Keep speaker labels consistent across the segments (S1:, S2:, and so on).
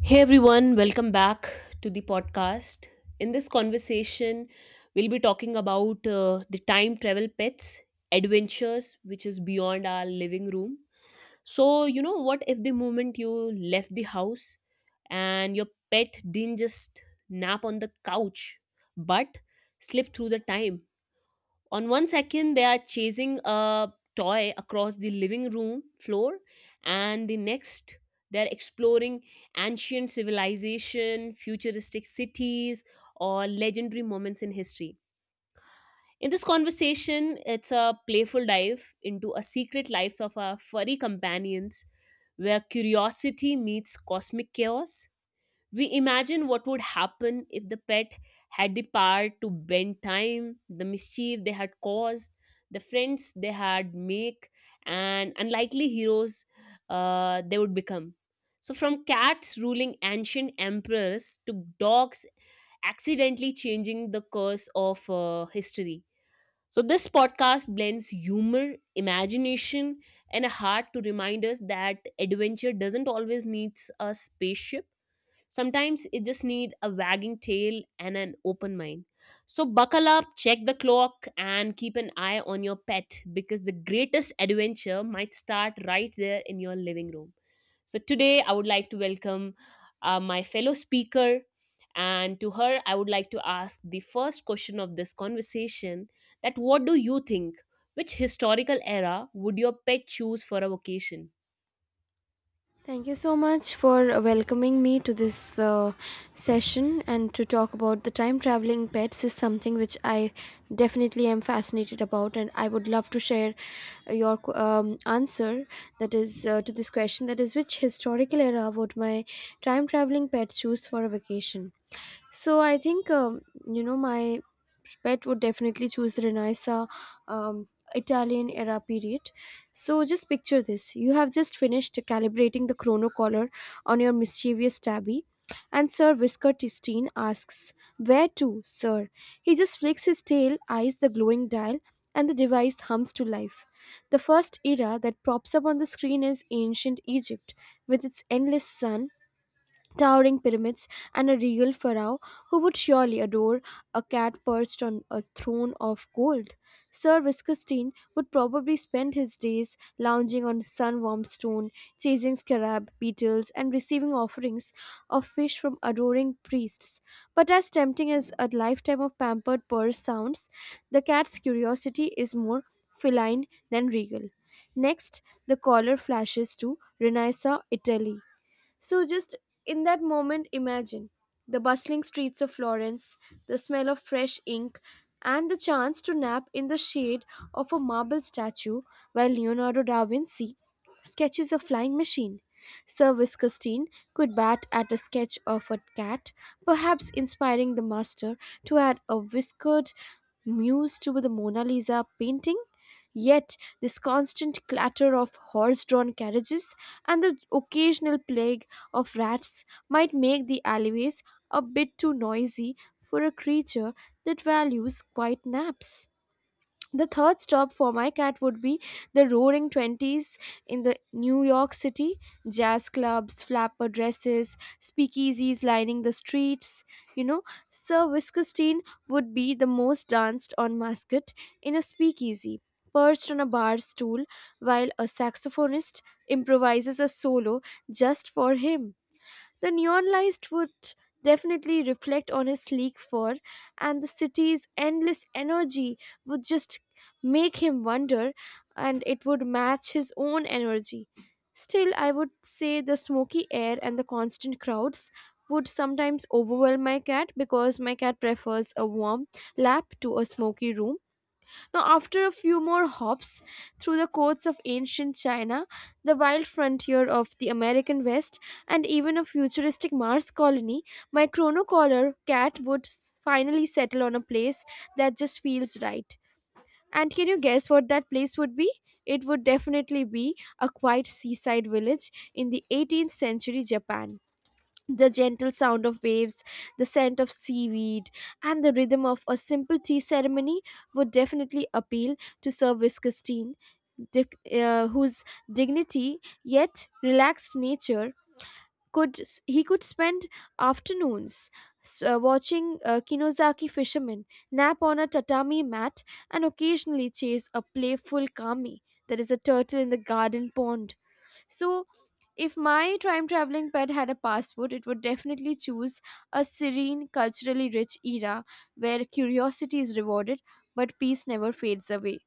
S1: Hey everyone, welcome back to the podcast. In this conversation, we'll be talking about the time travel pets, adventures, which is beyond our living room. So, what if the moment you left the house and your pet didn't just nap on the couch but slipped through the time? On 1 second they are chasing a toy across the living room floor, and the next they're exploring ancient civilization, futuristic cities, or legendary moments in history. In this conversation, it's a playful dive into a secret lives of our furry companions, where curiosity meets cosmic chaos. We imagine what would happen if the pet had the power to bend time, the mischief they had caused, the friends they had make, and unlikely heroes they would become. So, from cats ruling ancient emperors to dogs accidentally changing the course of history. So, this podcast blends humor, imagination, and a heart to remind us that adventure doesn't always need a spaceship. Sometimes it just need a wagging tail and an open mind. So buckle up, check the clock, and keep an eye on your pet, because the greatest adventure might start right there in your living room. So today I would like to welcome my fellow speaker, and to her I would like to ask the first question of this conversation, that what do you think, which historical era would your pet choose for a vacation?
S2: Thank you so much for welcoming me to this session. And to talk about the time traveling pets is something which I definitely am fascinated about, and I would love to share your answer that is to this question, that is, which historical era would my time traveling pet choose for a vacation? So I think you know, my pet would definitely choose the Renaissance um, Italian era period. So just picture this: you have just finished calibrating the chrono collar on your mischievous tabby, and Sir Whisker Tistine asks, "Where to, sir?" He just flicks his tail, eyes the glowing dial, and the device hums to life. The first era that pops up on the screen is ancient Egypt with its endless sun, towering pyramids, and a regal pharaoh who would surely adore a cat perched on a throne of gold. Sir Viscostine would probably spend his days lounging on sun warmed stone, chasing scarab beetles, and receiving offerings of fish from adoring priests. But as tempting as a lifetime of pampered purse sounds, the cat's curiosity is more feline than regal. Next, the caller flashes to Renaissance Italy, so, just in that moment, imagine the bustling streets of Florence, the smell of fresh ink, and the chance to nap in the shade of a marble statue while Leonardo da Vinci sketches a flying machine. Sir Viscostine could bat at a sketch of a cat, perhaps inspiring the master to add a whiskered muse to the Mona Lisa painting. Yet, this constant clatter of horse drawn carriages and the occasional plague of rats might make the alleyways a bit too noisy for a creature that values quiet naps. The third stop for my cat would be the roaring 20s in the New York City. Jazz clubs, flapper dresses, speakeasies lining the streets. You know, Sir Wiskestein would be the most danced on mascot in a speakeasy, perched on a bar stool while a saxophonist improvises a solo just for him. The neon lights would definitely reflect on his sleek fur, and the city's endless energy would just make him wonder, and it would match his own energy. Still, I would say the smoky air and the constant crowds would sometimes overwhelm my cat because my cat prefers a warm lap to a smoky room. Now, after a few more hops through the courts of ancient China, the wild frontier of the American West, and even a futuristic Mars colony, my chronocollar cat would finally settle on a place that just feels right. And can you guess what that place would be? It would definitely be a quiet seaside village in the 18th century Japan. The gentle sound of waves, the scent of seaweed, and the rhythm of a simple tea ceremony would definitely appeal to Sir Christine, whose dignity yet relaxed nature, could he could spend afternoons watching Kinozaki fishermen, nap on a tatami mat, and occasionally chase a playful kami, that is a turtle in the garden pond. So, if my time traveling pet had a passport, it would definitely choose a serene, culturally rich era where curiosity is rewarded but peace never fades away.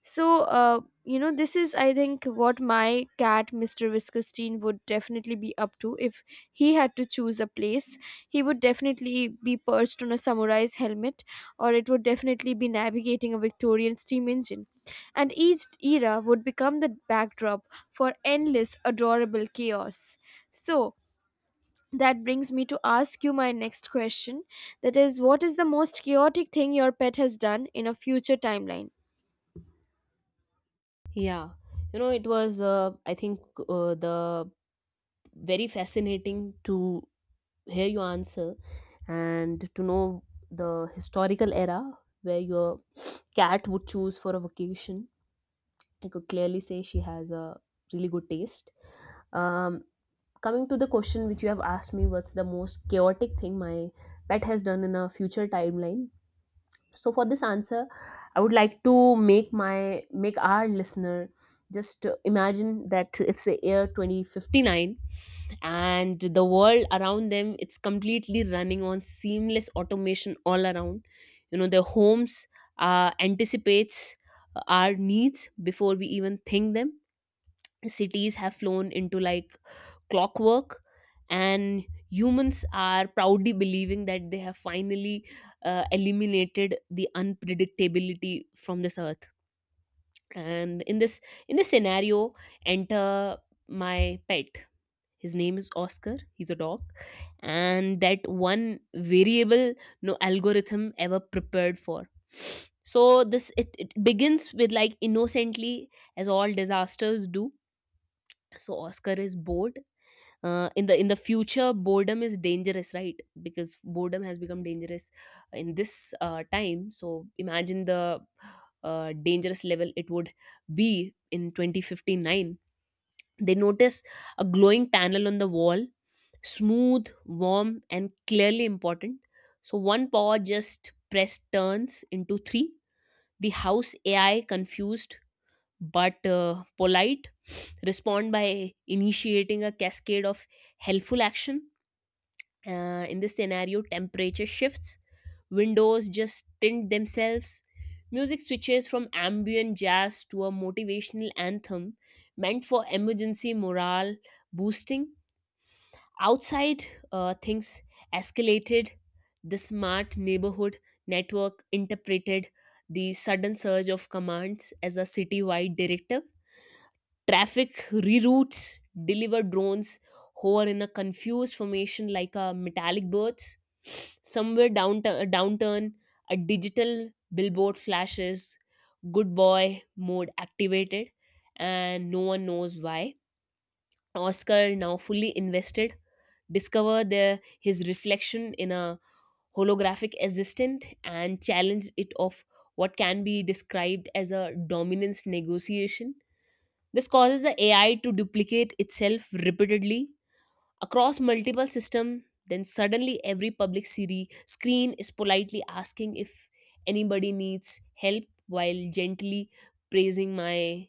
S2: So, you know, this is, I think, what my cat, Mr. Viscustine, would definitely be up to if he had to choose a place. He would definitely be perched on a samurai's helmet, or it would definitely be navigating a Victorian steam engine. And each era would become the backdrop for endless, adorable chaos. So, that brings me to ask you my next question, that is, what is the most chaotic thing your pet has done in a future timeline?
S1: Yeah. It was, I think, the very fascinating to hear your answer and to know the historical era where your cat would choose for a vacation. I could clearly say she has a really good taste. Um, Coming to the question which you have asked me, what's the most chaotic thing my pet has done in a future timeline? So for this answer, I would like to make my make our listener just imagine that it's the year 2059, and the world around them, it's completely running on seamless automation all around. Their homes anticipates our needs before we even think them. Cities have flown into like clockwork, and humans are proudly believing that they have finally eliminated the unpredictability from this earth. And in this, in this scenario, enter my pet. His name is Oscar, he's a dog, and that one variable no algorithm ever prepared for. So it begins with like innocently, as all disasters do. So Oscar is bored. In the, in the future, boredom is dangerous, right? Because boredom has become dangerous in this time. So imagine the dangerous level it would be in 2059. They notice a glowing panel on the wall, smooth, warm, and clearly important. So one paw just pressed turns into three. The house AI, confused but polite, respond by initiating a cascade of helpful action. In this scenario, temperature shifts, windows just tint themselves, music switches from ambient jazz to a motivational anthem meant for emergency morale boosting. Outside, things escalated. The smart neighborhood network interpreted the sudden surge of commands as a citywide directive. Traffic reroutes, deliver drones hover in a confused formation like a metallic birds. Somewhere down a downturn, a digital billboard flashes, good boy mode activated, and no one knows why. Oscar, now fully invested, discover his reflection in a holographic assistant and challenge it of what can be described as a dominance negotiation. This causes the AI to duplicate itself repeatedly across multiple systems. Then suddenly, every public Siri screen is politely asking if anybody needs help while gently praising my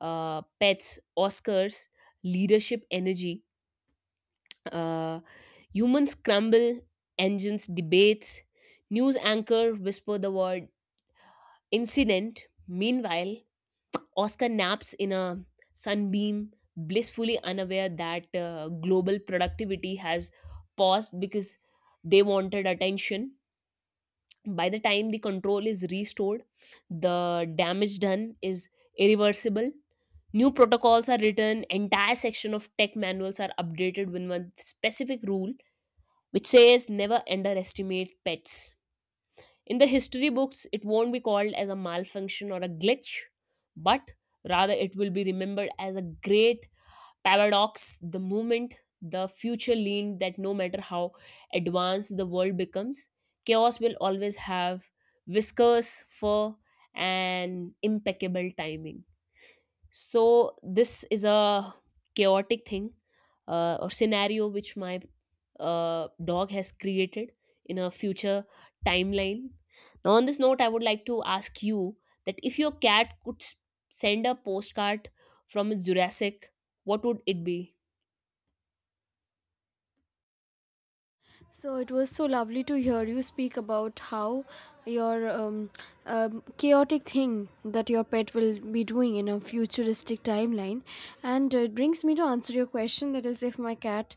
S1: pet's, Oscar's, leadership energy. Uh, Humans crumble, engines debates, news anchor whisper the word incident. Meanwhile, Oscar naps in a sunbeam, blissfully unaware that global productivity has paused because they wanted attention. By the time the control is restored, the damage done is irreversible. New protocols are written, entire section of tech manuals are updated with one specific rule which says never underestimate pets. In the history books, it won't be called as a malfunction or a glitch, but rather it will be remembered as a great paradox, the movement, the future lean, that no matter how advanced the world becomes, chaos will always have whiskers, fur, and impeccable timing. So this is a chaotic thing, or scenario, which my dog has created in a future timeline. Now, on this note, I would like to ask you, that if your cat could send a postcard from its Jurassic, what would it be?
S2: So it was so lovely to hear you speak about how your chaotic thing that your pet will be doing in a futuristic timeline, and it brings me to answer your question, that is, if my cat,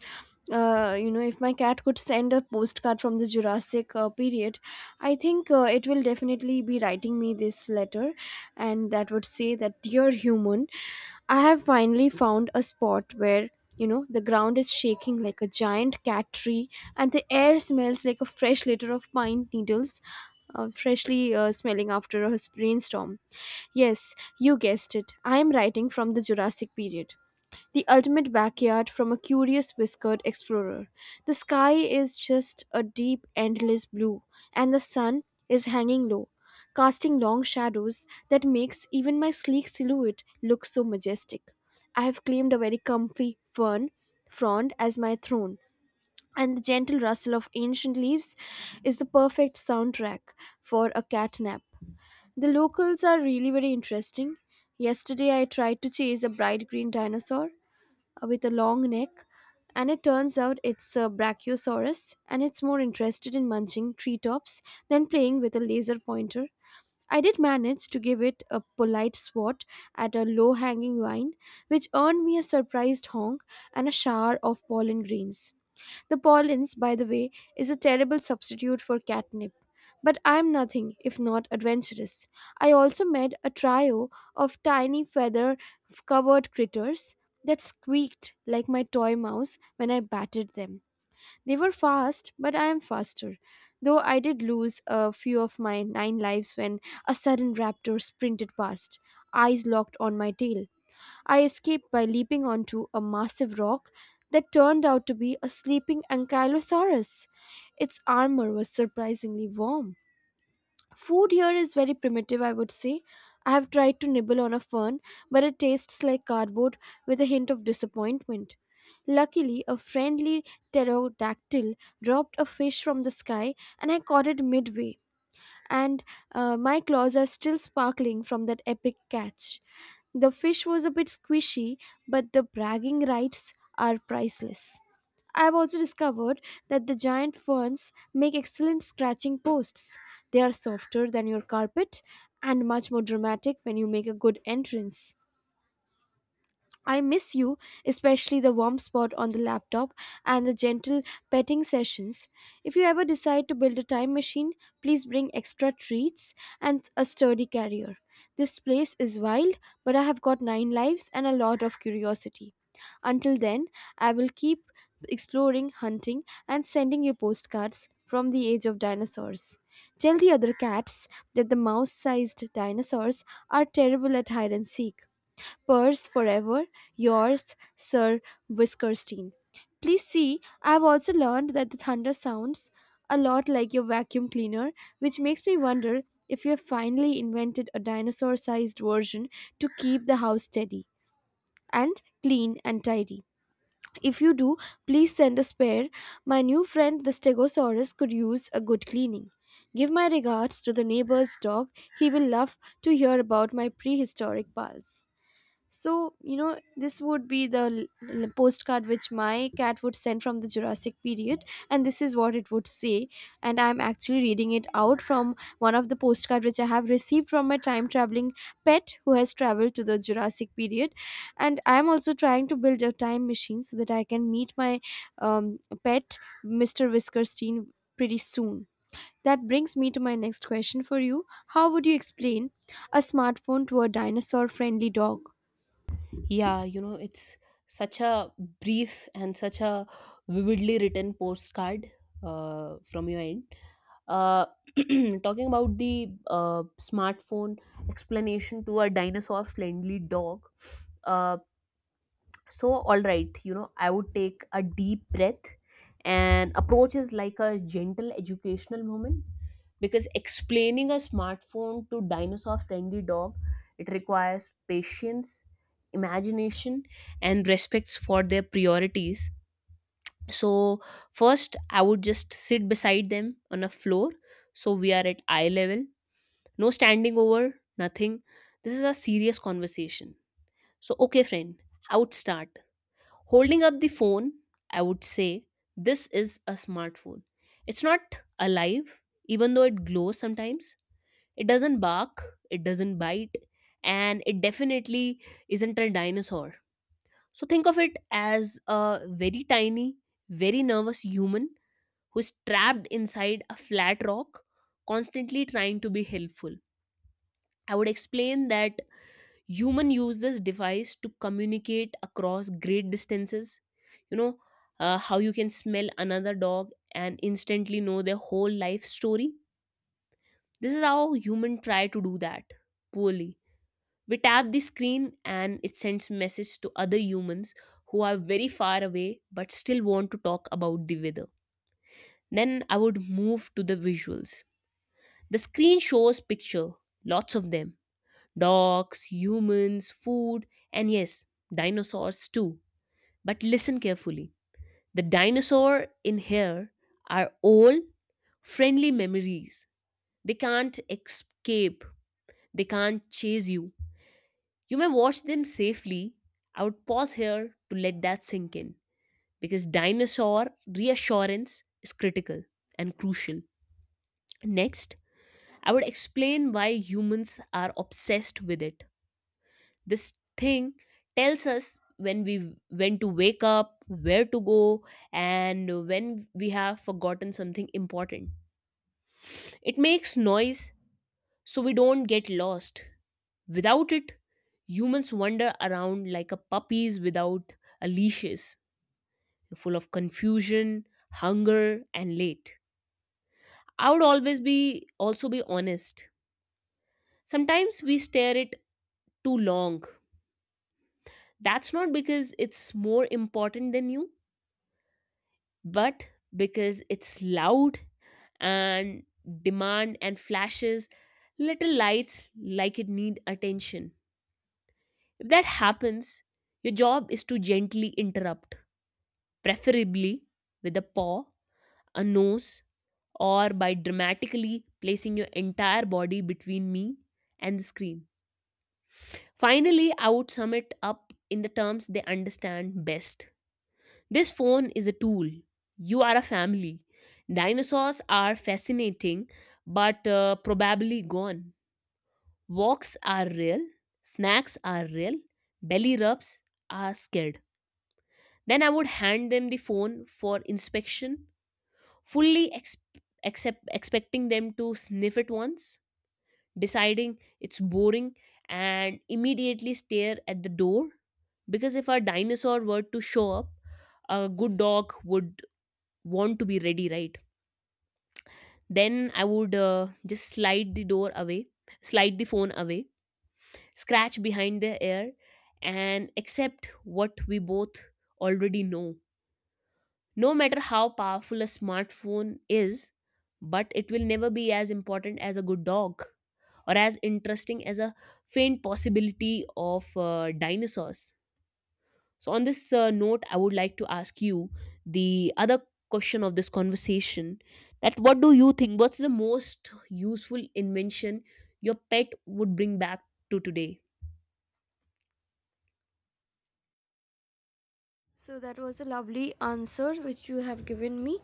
S2: you know, if my cat could send a postcard from the Jurassic period, I think it will definitely be writing me this letter, and that would say that dear human, I have finally found a spot where, you know, the ground is shaking like a giant cat tree and the air smells like a fresh litter of pine needles, freshly smelling after a rainstorm. Yes, you guessed it. I am writing from the Jurassic period. The ultimate backyard from a curious whiskered explorer. The sky is just a deep, endless blue, and the sun is hanging low, casting long shadows that makes even my sleek silhouette look so majestic. I have claimed a very comfy fern frond as my throne, and the gentle rustle of ancient leaves is the perfect soundtrack for a cat nap. The locals are really very interesting. Yesterday, I tried to chase a bright green dinosaur with a long neck, and it turns out it's a Brachiosaurus, and it's more interested in munching treetops than playing with a laser pointer. I did manage to give it a polite swat at a low hanging vine, which earned me a surprised honk and a shower of pollen grains. The Paulins, by the way, is a terrible substitute for catnip. But I'm nothing if not adventurous. I also met a trio of tiny feather covered critters that squeaked like my toy mouse when I batted them. They were fast, but I am faster. Though I did lose a few of my nine lives when a sudden raptor sprinted past, eyes locked on my tail. I escaped by leaping onto a massive rock that turned out to be a sleeping ankylosaurus. Its armor was surprisingly warm. Food here is very primitive, I would say. I have tried to nibble on a fern, but it tastes like cardboard with a hint of disappointment. Luckily, a friendly pterodactyl dropped a fish from the sky and I caught it midway, and my claws are still sparkling from that epic catch. The fish was a bit squishy, but the bragging rights are priceless. I have also discovered that the giant ferns make excellent scratching posts. They are softer than your carpet and much more dramatic when you make a good entrance. I miss you, especially the warm spot on the laptop and the gentle petting sessions. If you ever decide to build a time machine, please bring extra treats and a sturdy carrier. This place is wild, but I have got nine lives and a lot of curiosity. Until then, I will keep exploring, hunting, and sending you postcards from the age of dinosaurs. Tell the other cats that the mouse sized dinosaurs are terrible at hide and seek. Purse forever, yours, Sir Whiskerstein. Please see, I've also learned that the thunder sounds a lot like your vacuum cleaner, which makes me wonder if you have finally invented a dinosaur sized version to keep the house steady and clean and tidy. If you do, please send a spare. My new friend, the Stegosaurus, could use a good cleaning. Give my regards to the neighbor's dog. He will love to hear about my prehistoric pals. So, you know, this would be the postcard which my cat would send from the Jurassic period, and this is what it would say. And I'm actually reading it out from one of the postcard which I have received from my time traveling pet who has traveled to the Jurassic period. And I'm also trying to build a time machine so that I can meet my pet, Mr. Whiskerstein, pretty soon. That brings me to my next question for you. How would you explain a smartphone to a dinosaur friendly dog?
S1: Yeah, it's such a brief and such a vividly written postcard from your end. uh, Talking about the smartphone explanation to a dinosaur friendly dog, uh, so all right, I would take a deep breath and approach is like a gentle educational moment, because explaining a smartphone to dinosaur friendly dog, it requires patience, imagination, and respects for their priorities. So first I would just sit beside them on a floor. So we are at eye level. No standing over, nothing. This is a serious conversation. So okay friend, I would start. Holding up the phone, I would say this is a smartphone. It's not alive, even though it glows sometimes. It doesn't bark, it doesn't bite, and it definitely isn't a dinosaur. So think of it as a very tiny, very nervous human who's trapped inside a flat rock, constantly trying to be helpful. I would explain that human use this device to communicate across great distances. You know how you can smell another dog and instantly know their whole life story. This is how human try to do that, poorly. We tap the screen and it sends message to other humans who are very far away but still want to talk about the weather. Then I would move to the visuals. The screen shows picture, lots of them. Dogs, humans, food, and yes, dinosaurs too. But listen carefully. The dinosaur in here are all friendly memories. They can't escape. They can't chase you. You may watch them safely. I would pause here to let that sink in, because dinosaur reassurance is critical and crucial. Next, I would explain why humans are obsessed with it. This thing tells us when to wake up, where to go, and when we have forgotten something important. It makes noise so we don't get lost. Without it, humans wander around like a puppies without a leashes, full of confusion, hunger, and late. I would always be, also be, honest. Sometimes we stare it too long. That's not because it's more important than you, but because it's loud and demand and flashes little lights like it need attention. If that happens, your job is to gently interrupt, preferably with a paw, a nose, or by dramatically placing your entire body between me and the screen. Finally, I would sum it up in the terms they understand best. This phone is a tool. You are a family. Dinosaurs are fascinating, but probably gone. Walks are real. Snacks are real. Belly rubs are scared. Then I would hand them the phone for inspection, fully expecting them to sniff it once, deciding it's boring, and immediately stare at the door. Because if a dinosaur were to show up, a good dog would want to be ready. Right then, I would just slide the door away, slide the phone away, scratch behind the ear, and accept what we both already know. No matter how powerful a smartphone is, but it will never be as important as a good dog, or as interesting as a faint possibility of dinosaurs. So, on this note, I would like to ask you the other question of this conversation, that what do you think? What's the most useful invention your pet would bring back to today?
S2: So that was a lovely answer which you have given me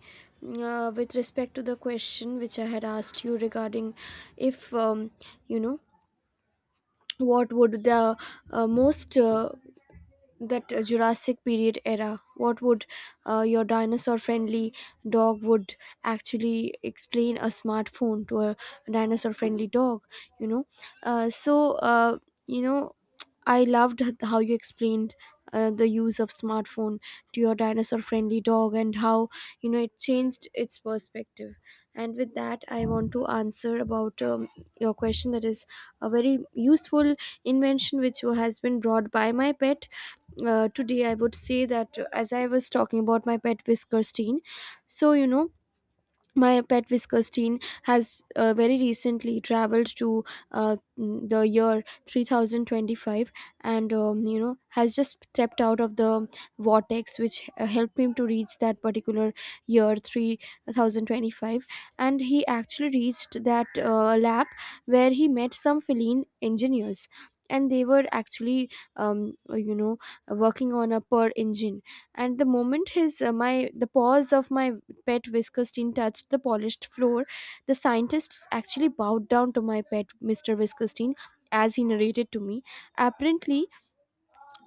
S2: with respect to the question which I had asked you regarding if you know, what would the most that Jurassic period era. What would your dinosaur-friendly dog would actually explain a smartphone to a dinosaur-friendly dog? You know, so you know, I loved how you explained. The use of smartphone to your dinosaur friendly dog and how, you know, it changed its perspective. And with that I want to answer about your question, that is, a very useful invention which has been brought by my pet today. I would say that as I was talking about my pet Whiskerstein, so you know, my pet Whiskers teen has very recently traveled to the year 3025, and you know, has just stepped out of the vortex which helped him to reach that particular year 3025. And he actually reached that lab where he met some feline engineers, and they were actually you know, working on a per engine. And the moment his my the paws of my pet Whisker stain touched the polished floor. The scientists actually bowed down to my pet, Mr. Whisker stain, as he narrated to me. Apparently,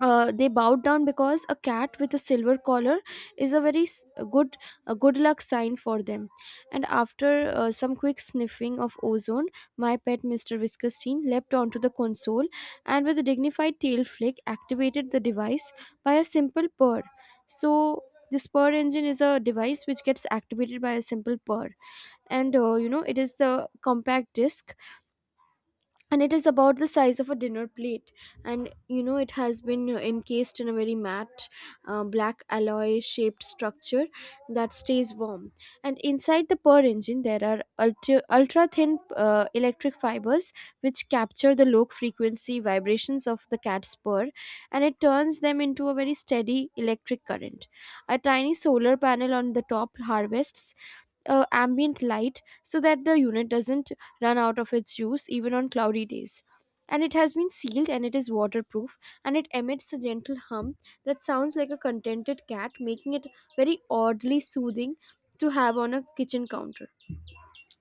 S2: they bowed down because a cat with a silver collar is a good luck sign for them. And after some quick sniffing of ozone, my pet Mr. Whiskerstein leapt onto the console and with a dignified tail flick activated the device by a simple purr. So this purr engine is a device which gets activated by a simple purr, and it is the compact disc and it is about the size of a dinner plate. And you know it has been encased in a very matte, black alloy shaped structure that stays warm. And inside the purr engine there are ultra thin electric fibers which capture the low frequency vibrations of the cat's purr, and it turns them into a very steady electric current. A tiny solar panel on the top harvests ambient light so that the unit doesn't run out of its juice even on cloudy days. And it has been sealed and it is waterproof, and it emits a gentle hum that sounds like a contented cat, making it very oddly soothing to have on a kitchen counter.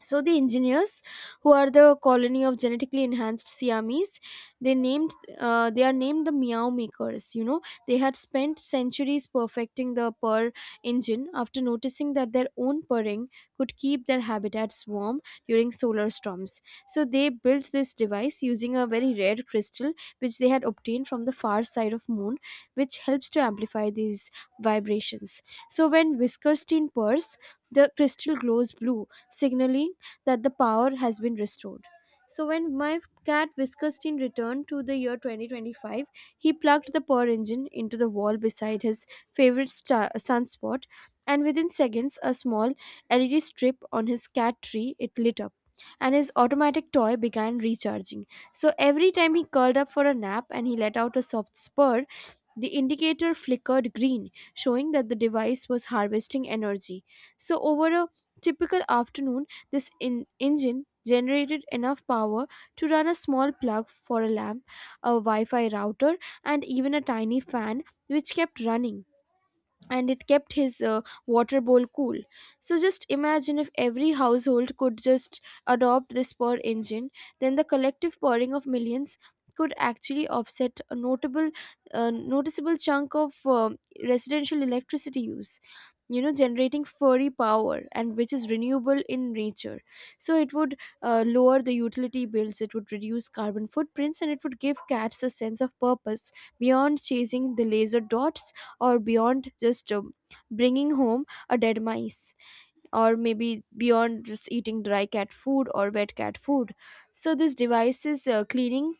S2: So the engineers, who are the colony of genetically enhanced Siamese, they named they are named the Meow Makers, you know, they had spent centuries perfecting the purr engine after noticing that their own purring could keep their habitats warm during solar storms. So they built this device using a very rare crystal which they had obtained from the far side of moon, which helps to amplify these vibrations. So when Whiskerstein purrs, the crystal glows blue, signaling that the power has been restored. So when my cat Whiskerstein returned to the year 2025, he plugged the purr engine into the wall beside his sunspot, and within seconds, a small LED strip on his cat tree it lit up, and his automatic toy began recharging. So every time he curled up for a nap and he let out a soft spur, the indicator flickered green, showing that the device was harvesting energy. So, over a typical afternoon, this engine generated enough power to run a small plug for a lamp, a Wi Fi router, and even a tiny fan which kept running and it kept his water bowl cool. So just imagine if every household could just adopt this purr engine, then the collective purring of millions could actually offset a noticeable chunk of residential electricity use, you know, generating furry power and which is renewable in nature. So it would lower the utility bills, it would reduce carbon footprints, and it would give cats a sense of purpose beyond chasing the laser dots, or beyond just bringing home a dead mice, or maybe beyond just eating dry cat food or wet cat food. So this device is cleaning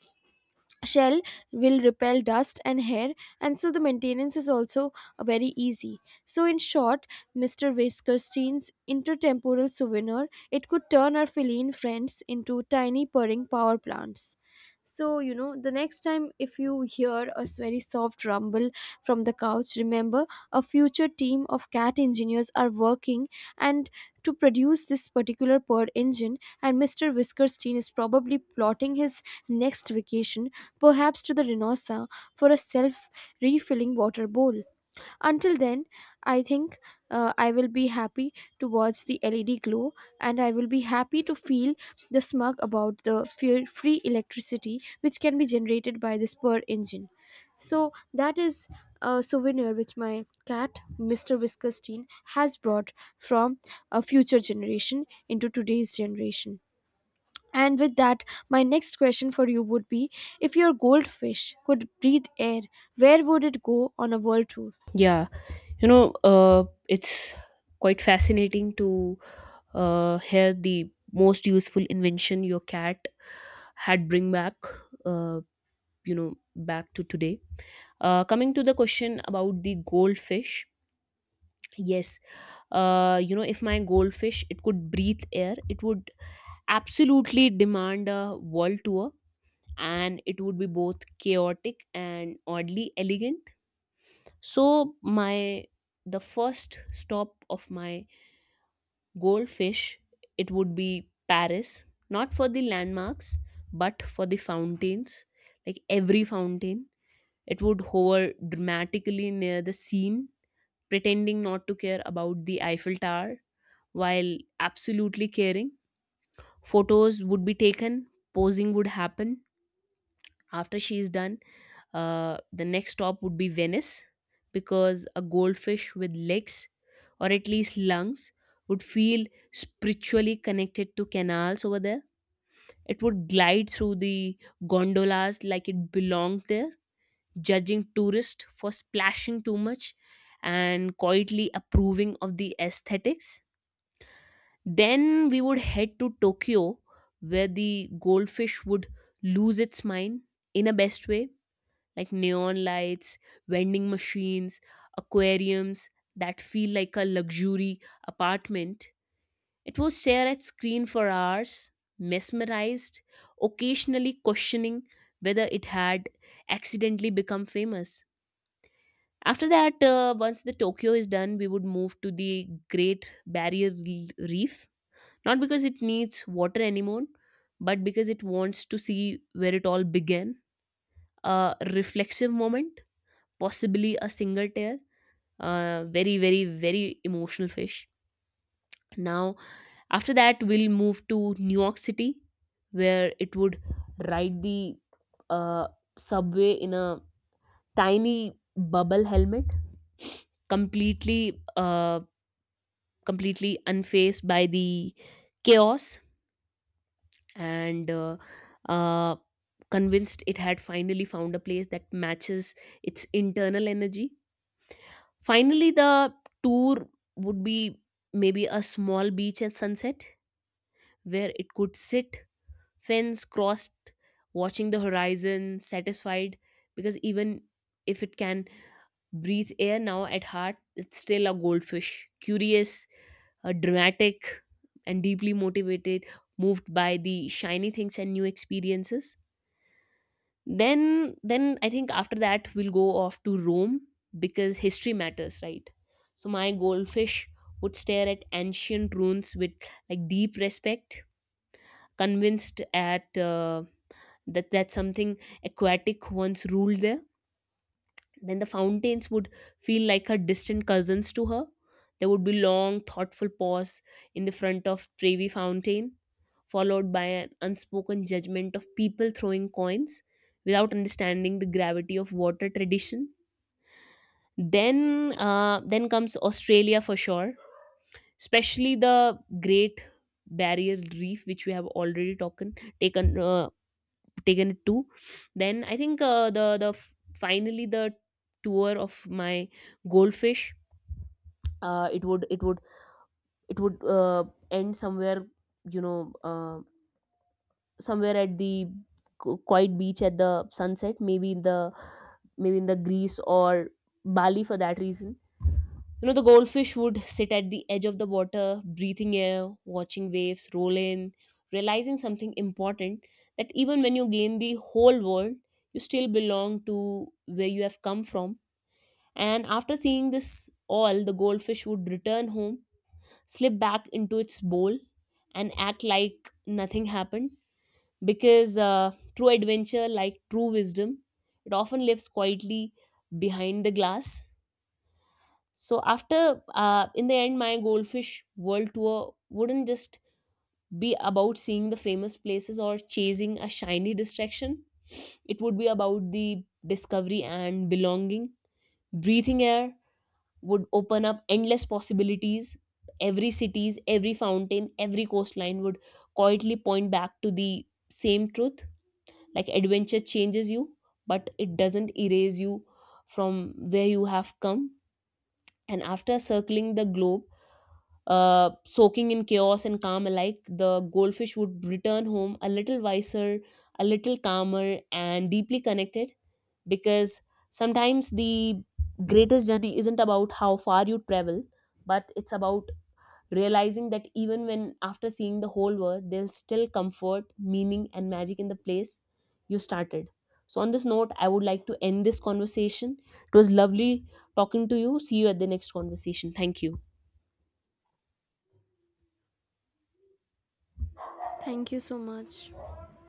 S2: shell will repel dust and hair, and so the maintenance is also very easy. So in short, Mr. Weskerstein's intertemporal souvenir, it could turn our feline friends into tiny purring power plants. So you know the next time if you hear a very soft rumble from the couch, remember a future team of cat engineers are working and to produce this particular purr engine, and Mr. Whiskerstein is probably plotting his next vacation, perhaps to the Rhinosa for a self refilling water bowl. Until then, I think I will be happy to watch the LED glow, and I will be happy to feel the smug about the free electricity which can be generated by this spur engine. So, that is a souvenir which my cat, Mr. Whiskerstein, has brought from a future generation into today's generation. And with that, my next question for you would be, if your goldfish could breathe air, where would it go on a world tour?
S1: Yeah, it's quite fascinating to hear the most useful invention your cat had bring back, uh, back to today. Coming to the question about the goldfish, yes. If my goldfish, it could breathe air, it would absolutely demand a world tour, and it would be both chaotic and oddly elegant. So my the first stop of my goldfish, it would be Paris, not for the landmarks, but for the fountains. Like every fountain, it would hover dramatically near the scene, pretending not to care about the Eiffel Tower, while absolutely caring. Photos would be taken, posing would happen. After she is done, the next stop would be Venice, because a goldfish with legs, or at least lungs, would feel spiritually connected to canals over there. It would glide through the gondolas like it belonged there, judging tourists for splashing too much, and quietly approving of the aesthetics. Then we would head to Tokyo, where the goldfish would lose its mind in a best way, like neon lights, vending machines, aquariums that feel like a luxury apartment. It would stare at screen for hours, mesmerized, occasionally questioning whether it had accidentally become famous. After that, once the Tokyo is done, we would move to the Great Reef. Not because it needs water anymore, but because it wants to see where it all began. A reflexive moment, possibly a single tear. Very, very, very emotional fish. Now, after that, we'll move to New York City, where it would ride the uh, subway in a tiny bubble helmet completely uh, completely unfazed by the chaos and uh, convinced it had finally found a place that matches its internal energy. Finally, the tour would be maybe a small beach at sunset where it could sit, fence crossed, watching the horizon, satisfied, because even if it can breathe air now at heart it's still a goldfish, curious, dramatic, and deeply motivated, moved by the shiny things and new experiences. Then I think after that we'll go off to Rome, because history matters, right? So my goldfish would stare at ancient ruins with like deep respect, convinced at that something aquatic once ruled there. Then the fountains would feel like her distant cousins to her. There would be long, thoughtful pause in the front of Trevi Fountain, followed by an unspoken judgment of people throwing coins without understanding the gravity of water tradition. Then comes Australia for sure, especially the Great Barrier Reef, which we have taken taken it to. Then I think finally the tour of my goldfish uh, it would it would it would end somewhere, you know, uh, somewhere at the quiet beach at the sunset, maybe in the Greece or Bali for that reason. You know, the goldfish would sit at the edge of the water breathing air, watching waves roll in, realizing something important: that even when you gain the whole world, you still belong to where you have come from. And after seeing this all, the goldfish would return home, slip back into its bowl, and act like nothing happened, because true adventure, like true wisdom, it often lives quietly behind the glass. So after in the end, my goldfish world tour wouldn't just be about seeing the famous places or chasing a shiny distraction. It would be about the discovery and belonging. Breathing air would open up endless possibilities. Every cities, every fountain, every coastline would quietly point back to the same truth, like adventure changes you but it doesn't erase you from where you have come. And after circling the globe, soaking in chaos and calm alike, the goldfish would return home a little wiser, a little calmer, and deeply connected, because sometimes the greatest journey isn't about how far you travel, but it's about realizing that even when after seeing the whole world, there's still comfort, meaning, and magic in the place you started. So, on this note, I would like to end this conversation. It was lovely talking to you. See you at the next conversation. Thank you.
S2: Thank you so much.